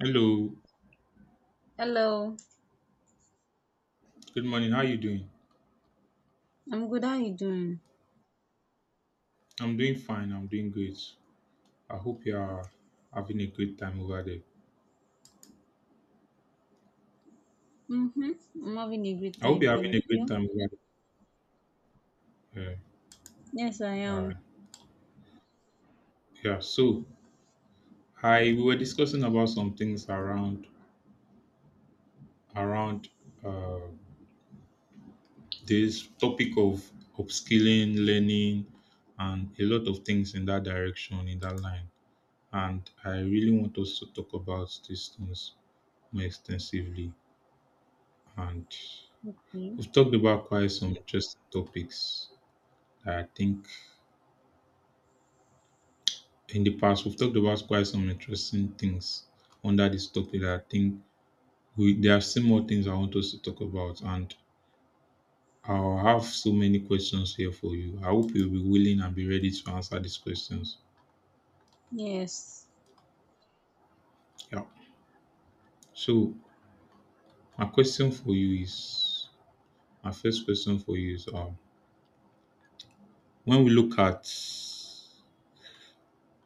Hello, Hello, good morning. How are you doing? I'm good. How you doing? I'm doing fine. I'm doing great. I hope you are having a great time over there. Mm-hmm. I'm having a great I hope time, you're having thank a great you. time over there. Yeah. Yes, I All am. right. Yeah. So, I we were discussing about some things around uh, this topic of upskilling, learning, and a lot of things in that direction, in that line. And I really want us to talk about these things more extensively. And Okay. We've talked about quite some interesting topics that I think in the past. We've talked about quite some interesting things under this topic that I think we there are still more things I want us to talk about, and I'll have so many questions here for you. I hope you'll be willing and be ready to answer these questions. Yes. Yeah. So my question for you is my first question for you is, when we look at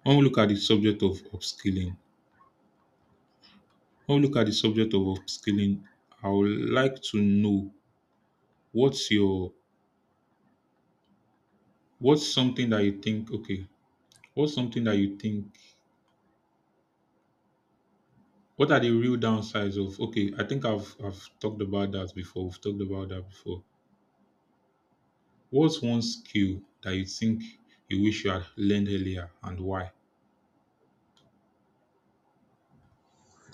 when we look at the subject of upskilling when we look at the subject of upskilling, I would like to know what's your what's something that you think, okay, what's something that you think what are the real downsides of okay, I think I've talked about that before. We've talked about that before. What's one skill that you think you wish you had learned earlier and why?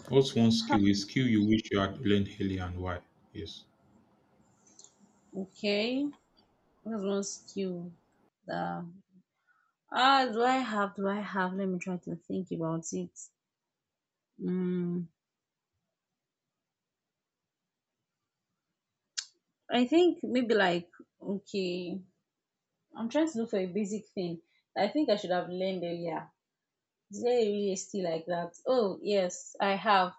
What's one Ha. skill, a skill you wish you had learned earlier, and why? Yes. Okay. What's one skill that do I have? Let me try to think about it. Mm. I think maybe like okay. I'm trying to look for a basic thing that I think I should have learned earlier. Is there really a skill like that? Oh yes, I have.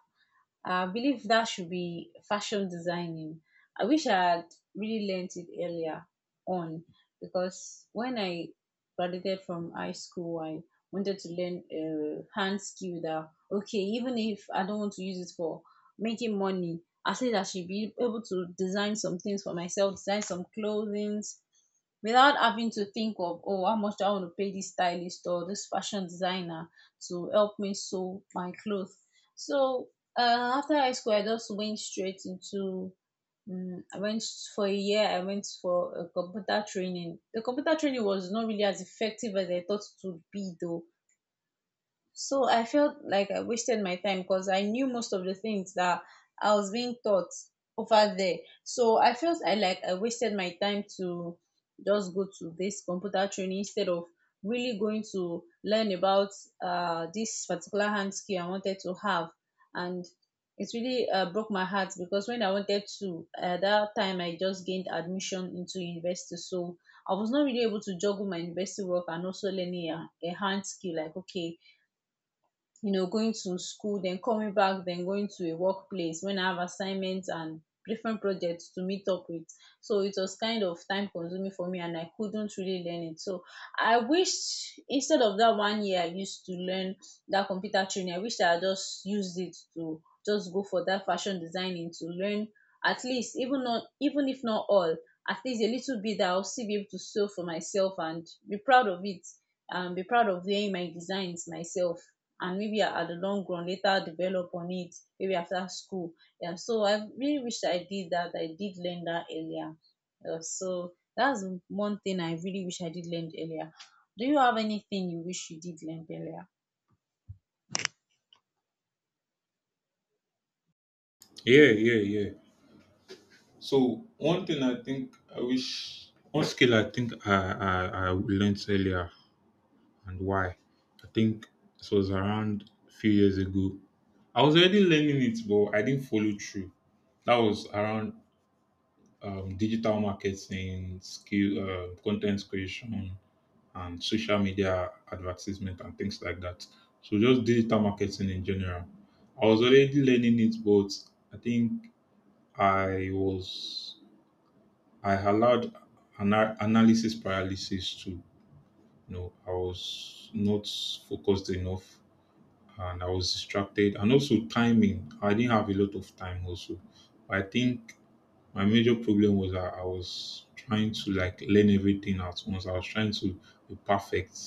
I believe that should be fashion designing. I wish I had really learnt it earlier on because when I graduated from high school, I wanted to learn a hand skill that, okay, even if I don't want to use it for making money, I said I should be able to design some things for myself, design some clothing without having to think of, oh, how much do I want to pay this stylist or this fashion designer to help me sew my clothes. So after high school, I just went straight into. I went for a year. I went for a computer training. The computer training was not really as effective as I thought it would be, though. So I felt like I wasted my time because I knew most of the things that I was being taught over there. So I felt I like I wasted my time to just go to this computer training instead of really going to learn about this particular hand skill I wanted to have. And it really broke my heart because when I wanted to, at that time I just gained admission into university. So I was not really able to juggle my university work and also learning a hand skill. Like, okay, you know, going to school, then coming back, then going to a workplace when I have assignments and different projects to meet up with, so it was kind of time consuming for me and I couldn't really learn it. So I wish, instead of that 1 year I used to learn that computer training, I wish I had just used it to just go for that fashion designing to learn, at least, even not even if not all, at least a little bit that I'll still be able to sew for myself and be proud of it and be proud of wearing my designs myself, and maybe at the long run later develop on it, maybe after school. Yeah, so I really wish I did that, I did learn that earlier. Yeah, so that's one thing I really wish I did learn earlier. Do you have anything you wish you did learn earlier? Yeah, yeah, yeah. So one thing I think I wish one skill I think I learned earlier, and why. I think this was around a few years ago. I was already learning it, but I didn't follow through. That was around, digital marketing, skill, content creation, and social media advertisement and things like that. So just digital marketing in general. I was already learning it, but I think I was I allowed analysis paralysis to. You know, I was not focused enough, and I was distracted. And also timing. I didn't have a lot of time also. I think my major problem was that I was trying to like learn everything at once. I was trying to be perfect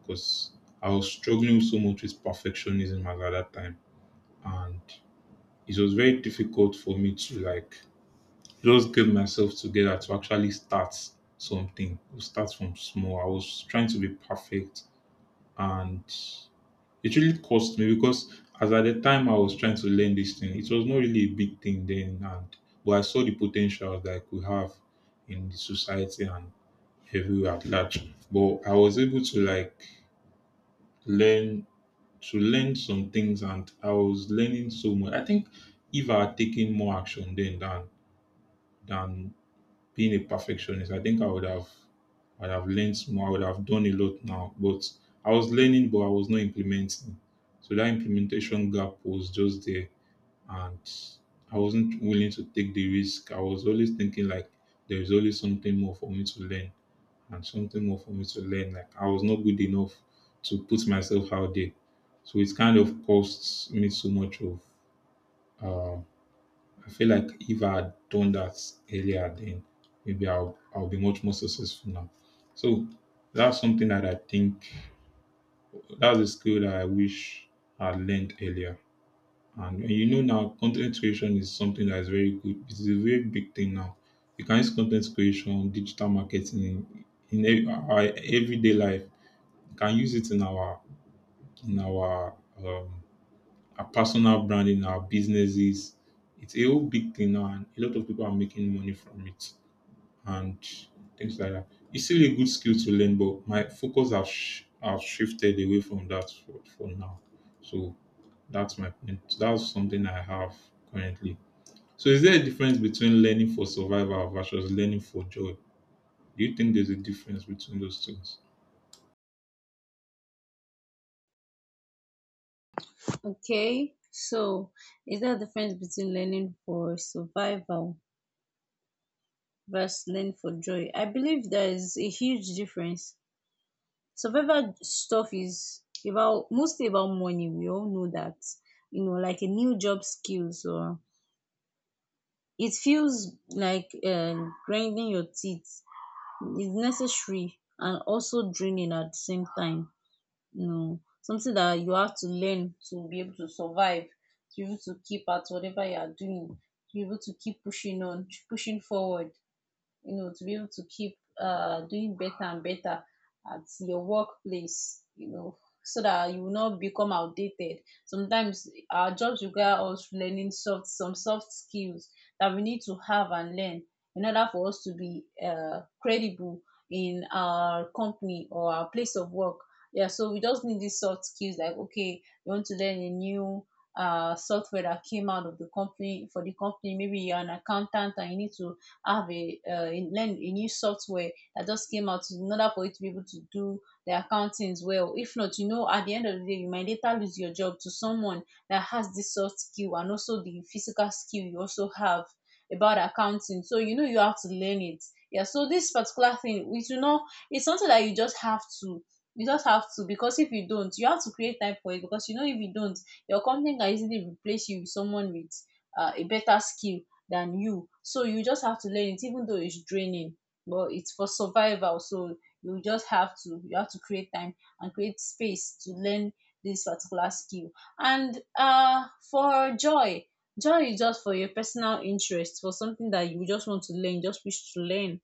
because I was struggling so much with perfectionism at that time. And it was very difficult for me to like just get myself together to actually start something. Start from small. I was trying to be perfect, and it really cost me because as at the time I was trying to learn this thing, it was not really a big thing then, and but I saw the potential that I could have in the society and everywhere at large. But I was able to like learn to learn some things, and I was learning so much. I think if I had taken more action then than being a perfectionist, I think I would have I'd have learned more. I would have done a lot now. But I was learning, but I was not implementing. So that implementation gap was just there, and I wasn't willing to take the risk. I was always thinking like there is always something more for me to learn and something more for me to learn. Like I was not good enough to put myself out there. So it kind of costs me so much of um, I feel like if I had done that earlier, then maybe I'll be much more successful now. So that's something that I think that's a skill that I wish I had learned earlier. And you know now content creation is something that is very good. It's a very big thing now. You can use content creation, digital marketing in our everyday life. You can use it in our personal branding, our businesses. It's a whole big thing now, and a lot of people are making money from it and things like that. It's still a good skill to learn, but my focus have shifted away from that for now. So that's my point. That's something I have currently. So is there a difference between learning for survival versus learning for joy? Do you think there's a difference between those things? Okay, so is there a difference between learning for survival versus learning for joy? I believe there is a huge difference. Survival stuff is about, mostly about money. We all know that. You know, like a new job skills, or it feels like grinding your teeth. It's necessary and also draining at the same time. You know, something that you have to learn to be able to survive, to be able to keep at whatever you are doing, to be able to keep pushing on, pushing forward, you know, to be able to keep doing better and better at your workplace, you know, so that you will not become outdated. Sometimes our jobs require us learning soft some soft skills that we need to have and learn in order for us to be credible in our company or our place of work. Yeah, so we just need these soft skills, like okay, you want to learn a new software that came out of the company for the company. Maybe you're an accountant and you need to I have a in- learned a new software that just came out in order for you to be able to do the accountings well. If not, you know, at the end of the day, you might later lose your job to someone that has this soft skill and also the physical skill you also have about accounting. So you know you have to learn it. Yeah. So this particular thing, which you know, it's something that you just have to, because if you don't, you have to create time for it, because you know if you don't, your company can easily replace you with someone with a better skill than you. So you just have to learn it, even though it's draining, but it's for survival. So you have to create time and create space to learn this particular skill. And for joy, joy is just for your personal interest, for something that you just want to learn, just wish to learn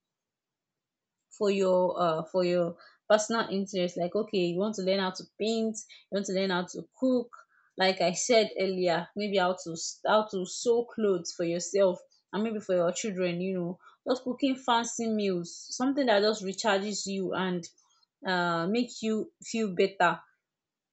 for your personal interest, like okay, you want to learn how to paint, you want to learn how to cook, like I said earlier, maybe how to sew clothes for yourself and maybe for your children, you know, just cooking fancy meals, something that just recharges you and make you feel better,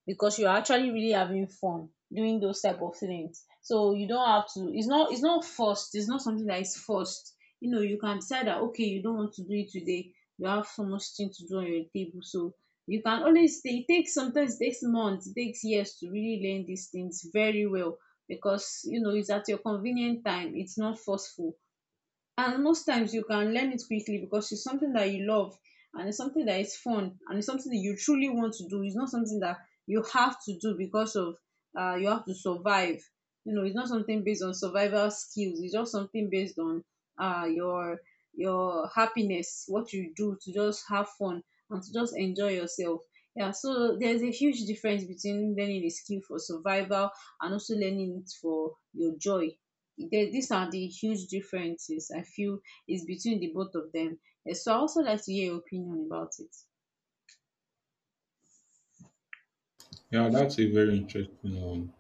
because you're actually really having fun doing those type of things. So you don't have to, it's not, it's not forced, it's not something that is forced. You know, you can decide that okay, you don't want to do it today, you have so much thing to do on your table. So you can always, it takes, sometimes it takes months, it takes years to really learn these things very well, because you know, it's at your convenient time, it's not forceful. And most times you can learn it quickly because it's something that you love, and it's something that is fun, and it's something that you truly want to do. It's not something that you have to do because of, you have to survive. You know, it's not something based on survival skills. It's just something based on uh, your your happiness, what you do to just have fun and to just enjoy yourself. Yeah, so there's a huge difference between learning a skill for survival and also learning it for your joy. There, these are the huge differences I feel is between the both of them. Eh, so I also like to hear your opinion about it. Yeah, that's a very interesting one.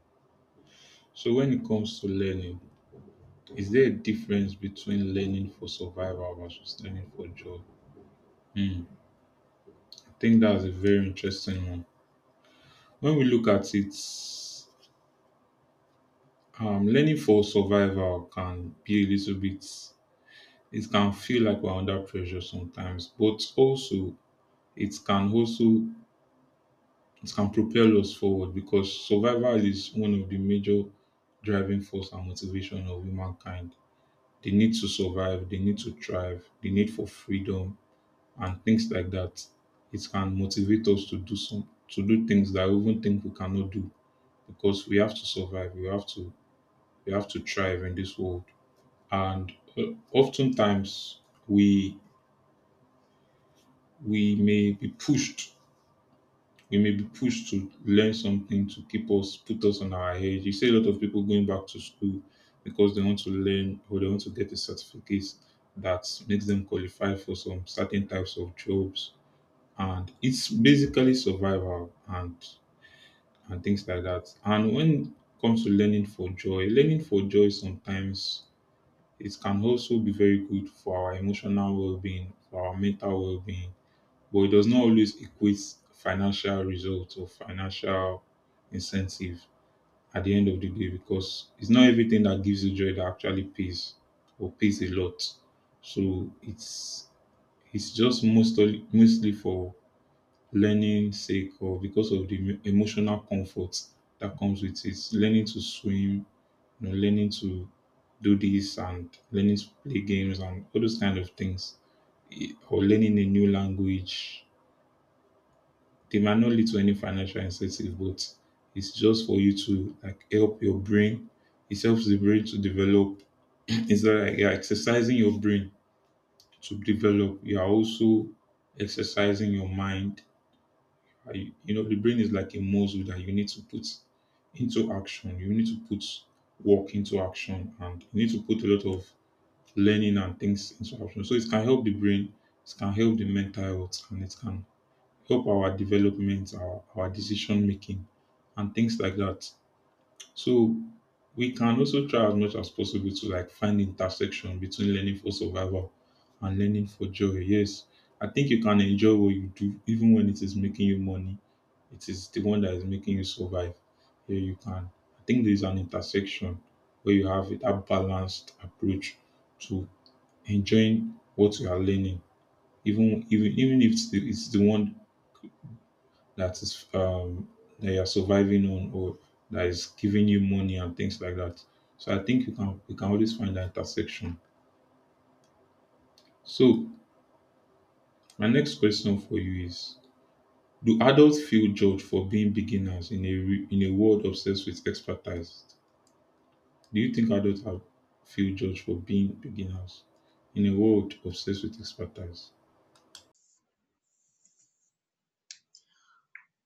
So when it comes to learning, is there a difference between learning for survival versus learning for joy? Hmm. I think that's a very interesting one. When we look at it, learning for survival can be a little bit, it can feel like we're under pressure sometimes, but also it can also, it can propel us forward because survival is one of the major driving force and motivation of humankind. They need to survive, they need to thrive, the need for freedom and things like that. It can motivate us to do some, to do things that we even think we cannot do because we have to survive, we have to thrive in this world. And oftentimes we we may be pushed. We may be pushed to learn something to keep us, put us on our edge. You see a lot of people going back to school because they want to learn or they want to get a certificate that makes them qualify for some certain types of jobs. And it's basically survival and things like that. And when it comes to learning for joy sometimes it can also be very good for our emotional well being, for our mental well being, but it does not always equate financial results or financial incentive at the end of the day because it's not everything that gives you joy that actually pays or pays a lot. So it's just mostly mostly for learning sake or because of the emotional comfort that comes with it. Learning to swim, you know, learning to do this and learning to play games and all those kind of things, eh, or learning a new language. They might not lead to any financial incentive, but it's just for you to like help your brain. It helps the brain to develop. It's like you're exercising your brain to develop. You are also exercising your mind. Are You you know, the brain is like a muscle that you need to put into action. You need to put work into action, and you need to put a lot of learning and things and so on. So it can help the brain, it can help the mental health, and it can help our development, our decision making, and things like that. So we can also try as much as possible to like find intersection between learning for survival and learning for joy. Yes, I think you can enjoy what you do even when it is making you money. It is the one that is making you survive. Here you can. I think there is an intersection where you have that balanced approach to enjoying what you are learning, even if it's the one that is that you are surviving on or that is giving you money and things like that. So I think you can always find that intersection. So my next question for you is: do adults feel judged for being beginners in a in a world obsessed with expertise? Do you think adults have feel judged for being beginners in a world obsessed with expertise?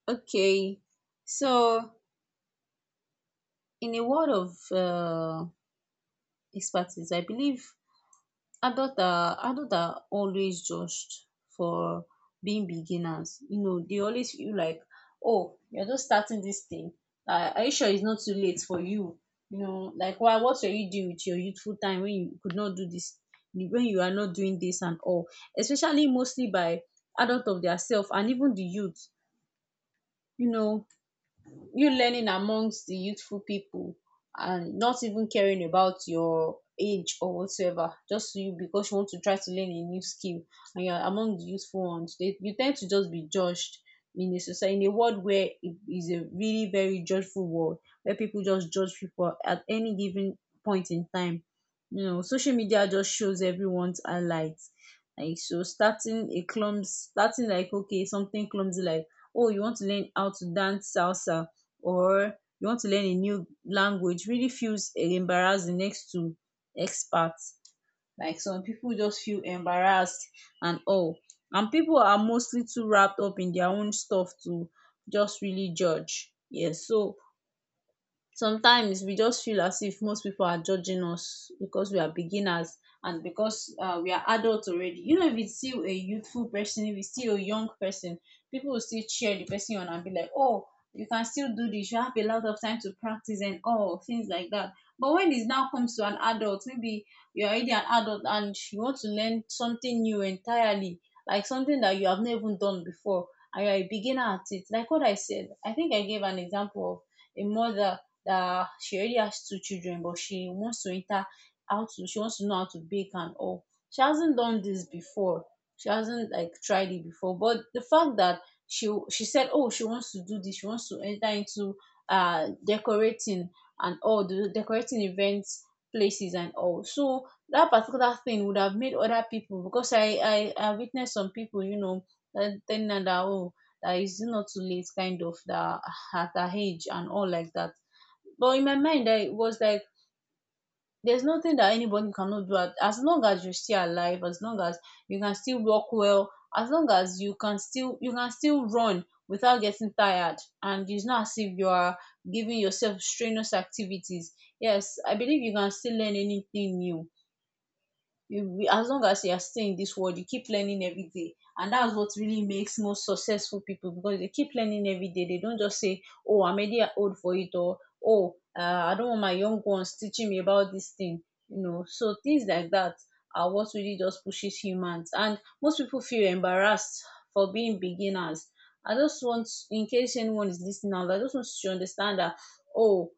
Okay, so in a world of expertise, I believe adult are always judged for being beginners. You know, they always feel like, oh, you're just starting this thing, are you sure it's not too late for you? You know, like, why, what were you doing with your youthful time when you could not do this, when you are not doing this and all, especially mostly by adult of their self and even the youth. You know, you learning amongst the youthful people and not even caring about your age or whatsoever, just you, because you want to try to learn a new skill and you're among the youthful ones, you tend to just be judged in a society, in a world where it is a really very judgeful world, where people just judge people at any given point in time. You know, social media just shows everyone's highlights. Like, so starting a clumsy, starting like okay, something clumsy like, oh, you want to learn how to dance salsa, or you want to learn a new language, really feels embarrassing next to experts. Like, some people just feel embarrassed and all. And people are mostly too wrapped up in their own stuff to just really judge. Yes, so sometimes we just feel as if most people are judging us because we are beginners, and because we are adults already. You know, if it's still a youthful person, if it's still a young person, people will still cheer the person on and be like, oh, you can still do this, you have a lot of time to practice and all things like that. But when it now comes to an adult, maybe you're already an adult and you want to learn something new entirely, like something that you have never even done before, and you're a beginner at it. Like what I said, I think I gave an example of a mother that she already has 2 children but she wants to enter how to she wants to know how to bake and all. She hasn't done this before. She hasn't like tried it before. But the fact that she said, oh, she wants to do this, she wants to enter into decorating and all the decorating events places and all. So that particular thing would have made other people, because I witnessed some people, you know, that telling her that, oh, that it's not too late kind of that, at her age and all like that. But in my mind, I was like, there's nothing that anybody cannot do. At, as long as you're still alive, as long as you can still walk well, as long as you can still run without getting tired, and it's not as if you are giving yourself strenuous activities. Yes, I believe you can still learn anything new you as long as you are still in this world, you keep learning every day, and that's what really makes most successful people, because they keep learning every day. They don't just say, oh, I'm already old for it, or oh, I don't want my young ones teaching me about this thing, you know, so things like that are what really just pushes humans. And most people feel embarrassed for being beginners. I just want, in case anyone is listening out, I just want you to understand that, oh,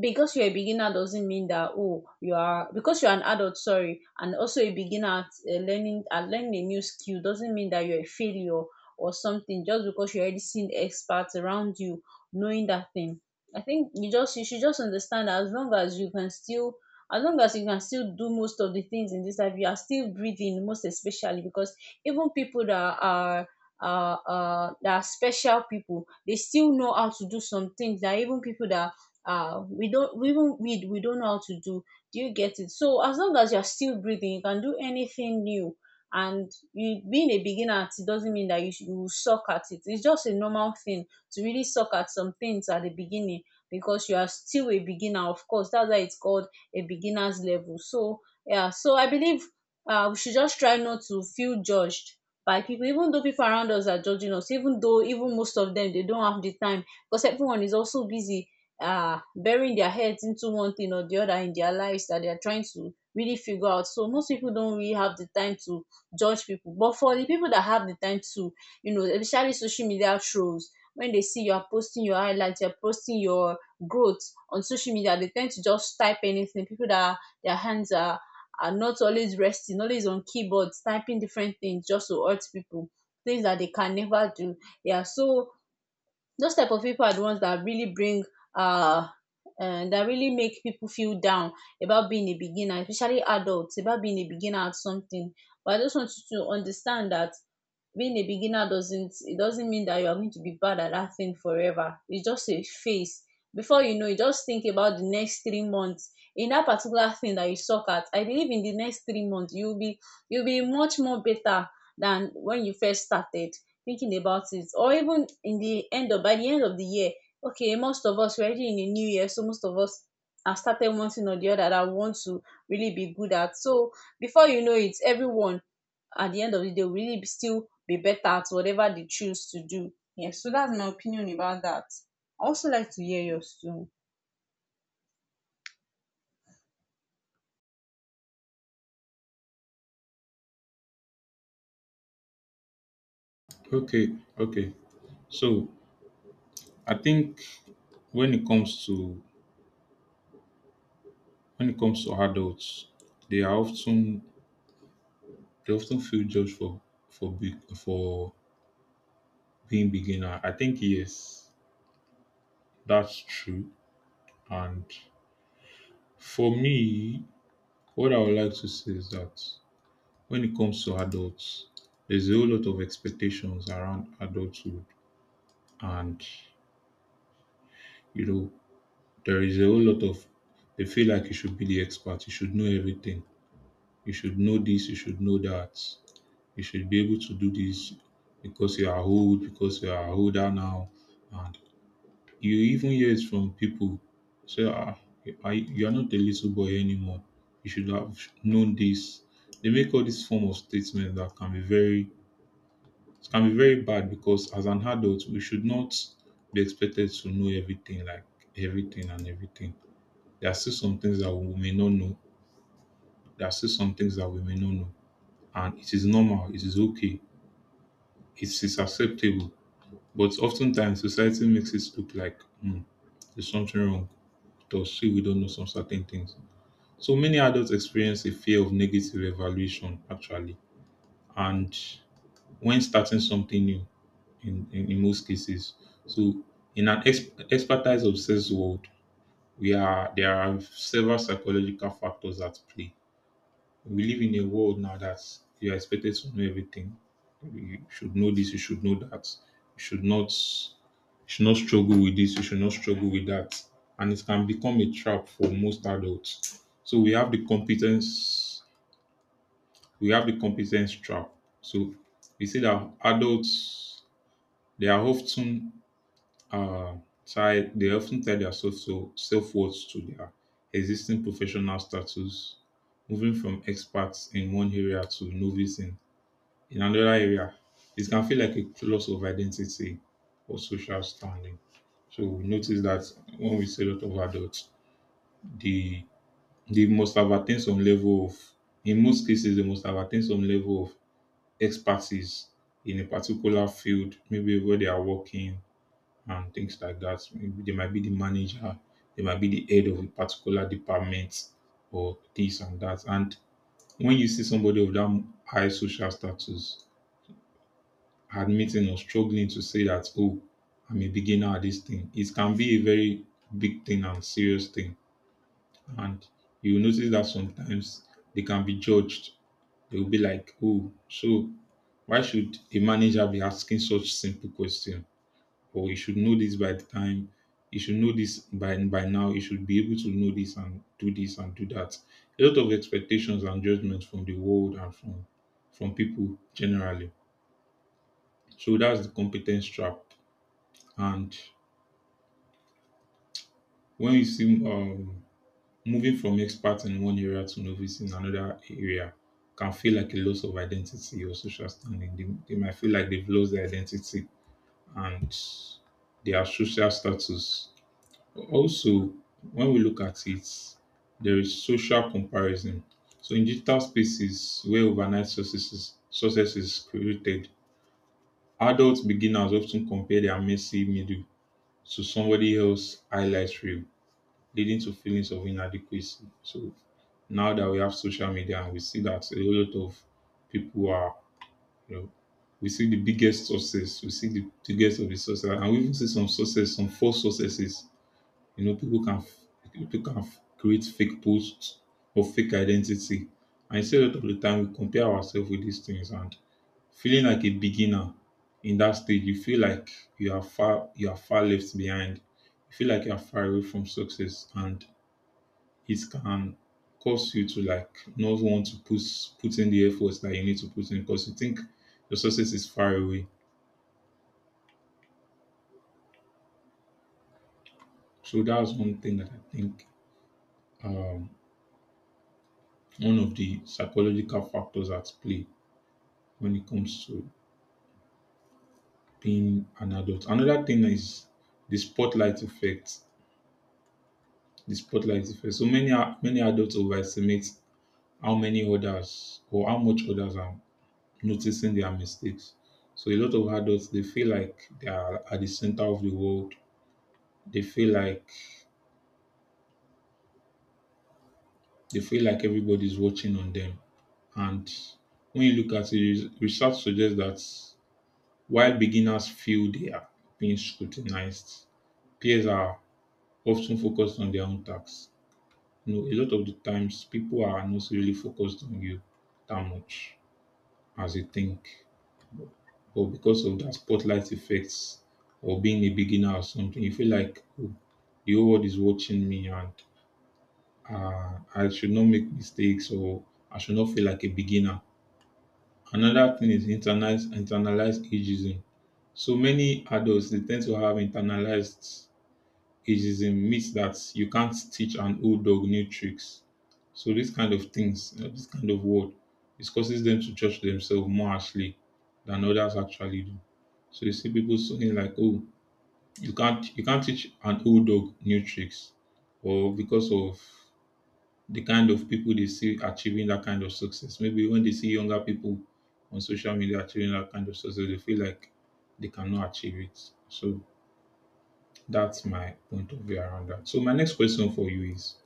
because you're a beginner doesn't mean that, oh, you are, because you're an adult, sorry, and also a beginner at learning a new skill, doesn't mean that you're a failure or something, just because you're already seeing experts around you knowing that thing. I think you just you should just understand that as long as you can still as long as you can still do most of the things in this life, you are still breathing, most especially, because even people that are special people, they still know how to do some things that even people that we don't we even read we don't know how to do. Do you get it? So as long as you're still breathing, you can do anything new, and you being a beginner at it doesn't mean that you will suck at it. It's just a normal thing to really suck at some things at the beginning, because you are still a beginner, of course. That's why it's called a beginner's level. So yeah, so I believe we should just try not to feel judged by people, even though people around us are judging us, even though, even most of them, they don't have the time, because everyone is also busy, are burying their heads into one thing or the other in their lives, that they are trying to really figure out. So most people don't really have the time to judge people. But for the people that have the time to, you know, especially social media trolls, when they see you are posting your highlights, you're posting your growth on social media, they tend to just type anything. People that are, their hands are not always resting, always on keyboards, typing different things just to hurt people, things that they can never do. Yeah, so those type of people are the ones that really bring uh, that really make people feel down about being a beginner, especially adults, about being a beginner at something. But I just want you to understand that being a beginner doesn't it doesn't mean that you are going to be bad at that thing forever. It's just a phase. Before you know, you just think about the next 3 months in that particular thing that you suck at. I believe in the next 3 months, you'll be much more better than when you first started thinking about it. Or even in the end of, by the end of the year, okay, most of us, we're already in the new year, so most of us have started one thing or the other that I want to really be good at. So before you know it, everyone at the end of the day will really be still be better at whatever they choose to do. Yes, so that's my opinion about that. I also like to hear yours too. Okay, okay. So I think when it comes to when it comes to adults, they are often they often feel judged for for being beginner. I think yes, that's true. And for me, what I would like to say is that when it comes to adults, there's a whole lot of expectations around adulthood, and you know there is a whole lot of they feel like you should be the expert, you should know everything, you should know this, you should know that, you should be able to do this because you are old, because you are older now. And you even hear it from people say, ah, you are not a little boy anymore. You should have known this. They make all this form of statement that can be very it can be very bad because as an adult we should not be expected to know everything, like everything and everything. There are still some things that we may not know. There are still some things that we may not know. And it is normal, it is okay, it is acceptable. But oftentimes society makes it look like, hmm, there's something wrong with us, say we don't know some certain things. So many adults experience a fear of negative evaluation actually, and when starting something new in most cases. So in an expertise obsessed world, we are there are several psychological factors at play. We live in a world now that you are expected to know everything. You should know this, you should know that, you should not You should not struggle with this, you should not struggle with that. And it can become a trap for most adults. So we have the competence trap. So we say that adults they are often uh tied they often tie their self self worth to their existing professional status. Moving from experts in one area to novice in another area, it can feel like a loss of identity or social standing. So we notice that when we see a lot of adults, they must have attained some level of, in most cases, they must have attained some level of expertise in a particular field, maybe where they are working and things like that. Maybe they might be the manager, they might be the head of a particular department or this and that. And when you see somebody of that high social status, admitting or struggling to say that, oh, I'm a beginner at this thing. It can be a very big thing and serious thing. And you notice that sometimes they can be judged. They will be like, oh, so why should a manager be asking such simple question? Or you should know this by the time, you should know this by now, you should be able to know this and do that. A lot of expectations and judgments from the world and from people generally. So that's the competence trap. And when you see moving from expert in one area to novice in another area can feel like a loss of identity or social standing. They might feel like they've lost their identity and their social status. Also, when we look at it, there is social comparison. So in digital spaces where overnight successes success is created, adult beginners often compare their messy middle to somebody else's highlight reel, leading to feelings of inadequacy. So now that we have social media and we see that a lot of people are, you know, we see the biggest success, we see the biggest of the success, and we even see some success, some false successes. You know, create fake posts or fake identity. And I say a lot of the time we compare ourselves with these things, and feeling like a beginner in that stage, you feel like you are far left behind. You feel like you are far away from success, and it can cause you to like not want to put in the efforts that you need to put in because you think your success is far away. So that's one thing that I think, um, one of the psychological factors at play when it comes to being an adult. Another thing is the spotlight effect. The spotlight effect. So many adults overestimate how many others or how much others are noticing their mistakes. So a lot of adults, they feel like they are at the center of the world, they feel like everybody's watching on them. And when you look at it, research suggests that while beginners feel they are being scrutinized, peers are often focused on their own tasks. You know, a lot of the times people are not really focused on you that much as they think. But because of that spotlight effects or being a beginner or something, you feel like, oh, the whole world is watching me and I should not make mistakes or I should not feel like a beginner. Another thing is internalized ageism. So many adults, they tend to have internalized ageism, means that you can't teach an old dog new tricks. So these kind of things, this kind of word, it causes them to judge themselves more harshly than others actually do. So you see people saying like, "Oh, you can't teach an old dog new tricks," or because of the kind of people they see achieving that kind of success. Maybe when they see younger people on social media achieving that kind of success, they feel like they cannot achieve it. So that's my point of view around that. So my next question for you is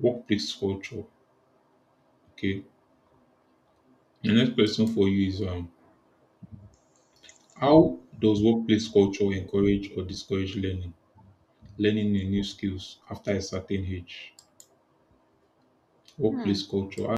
workplace culture. Okay. The next question for you is how does workplace culture encourage or discourage learning? Learning new skills after a certain age. Workplace Hmm. culture.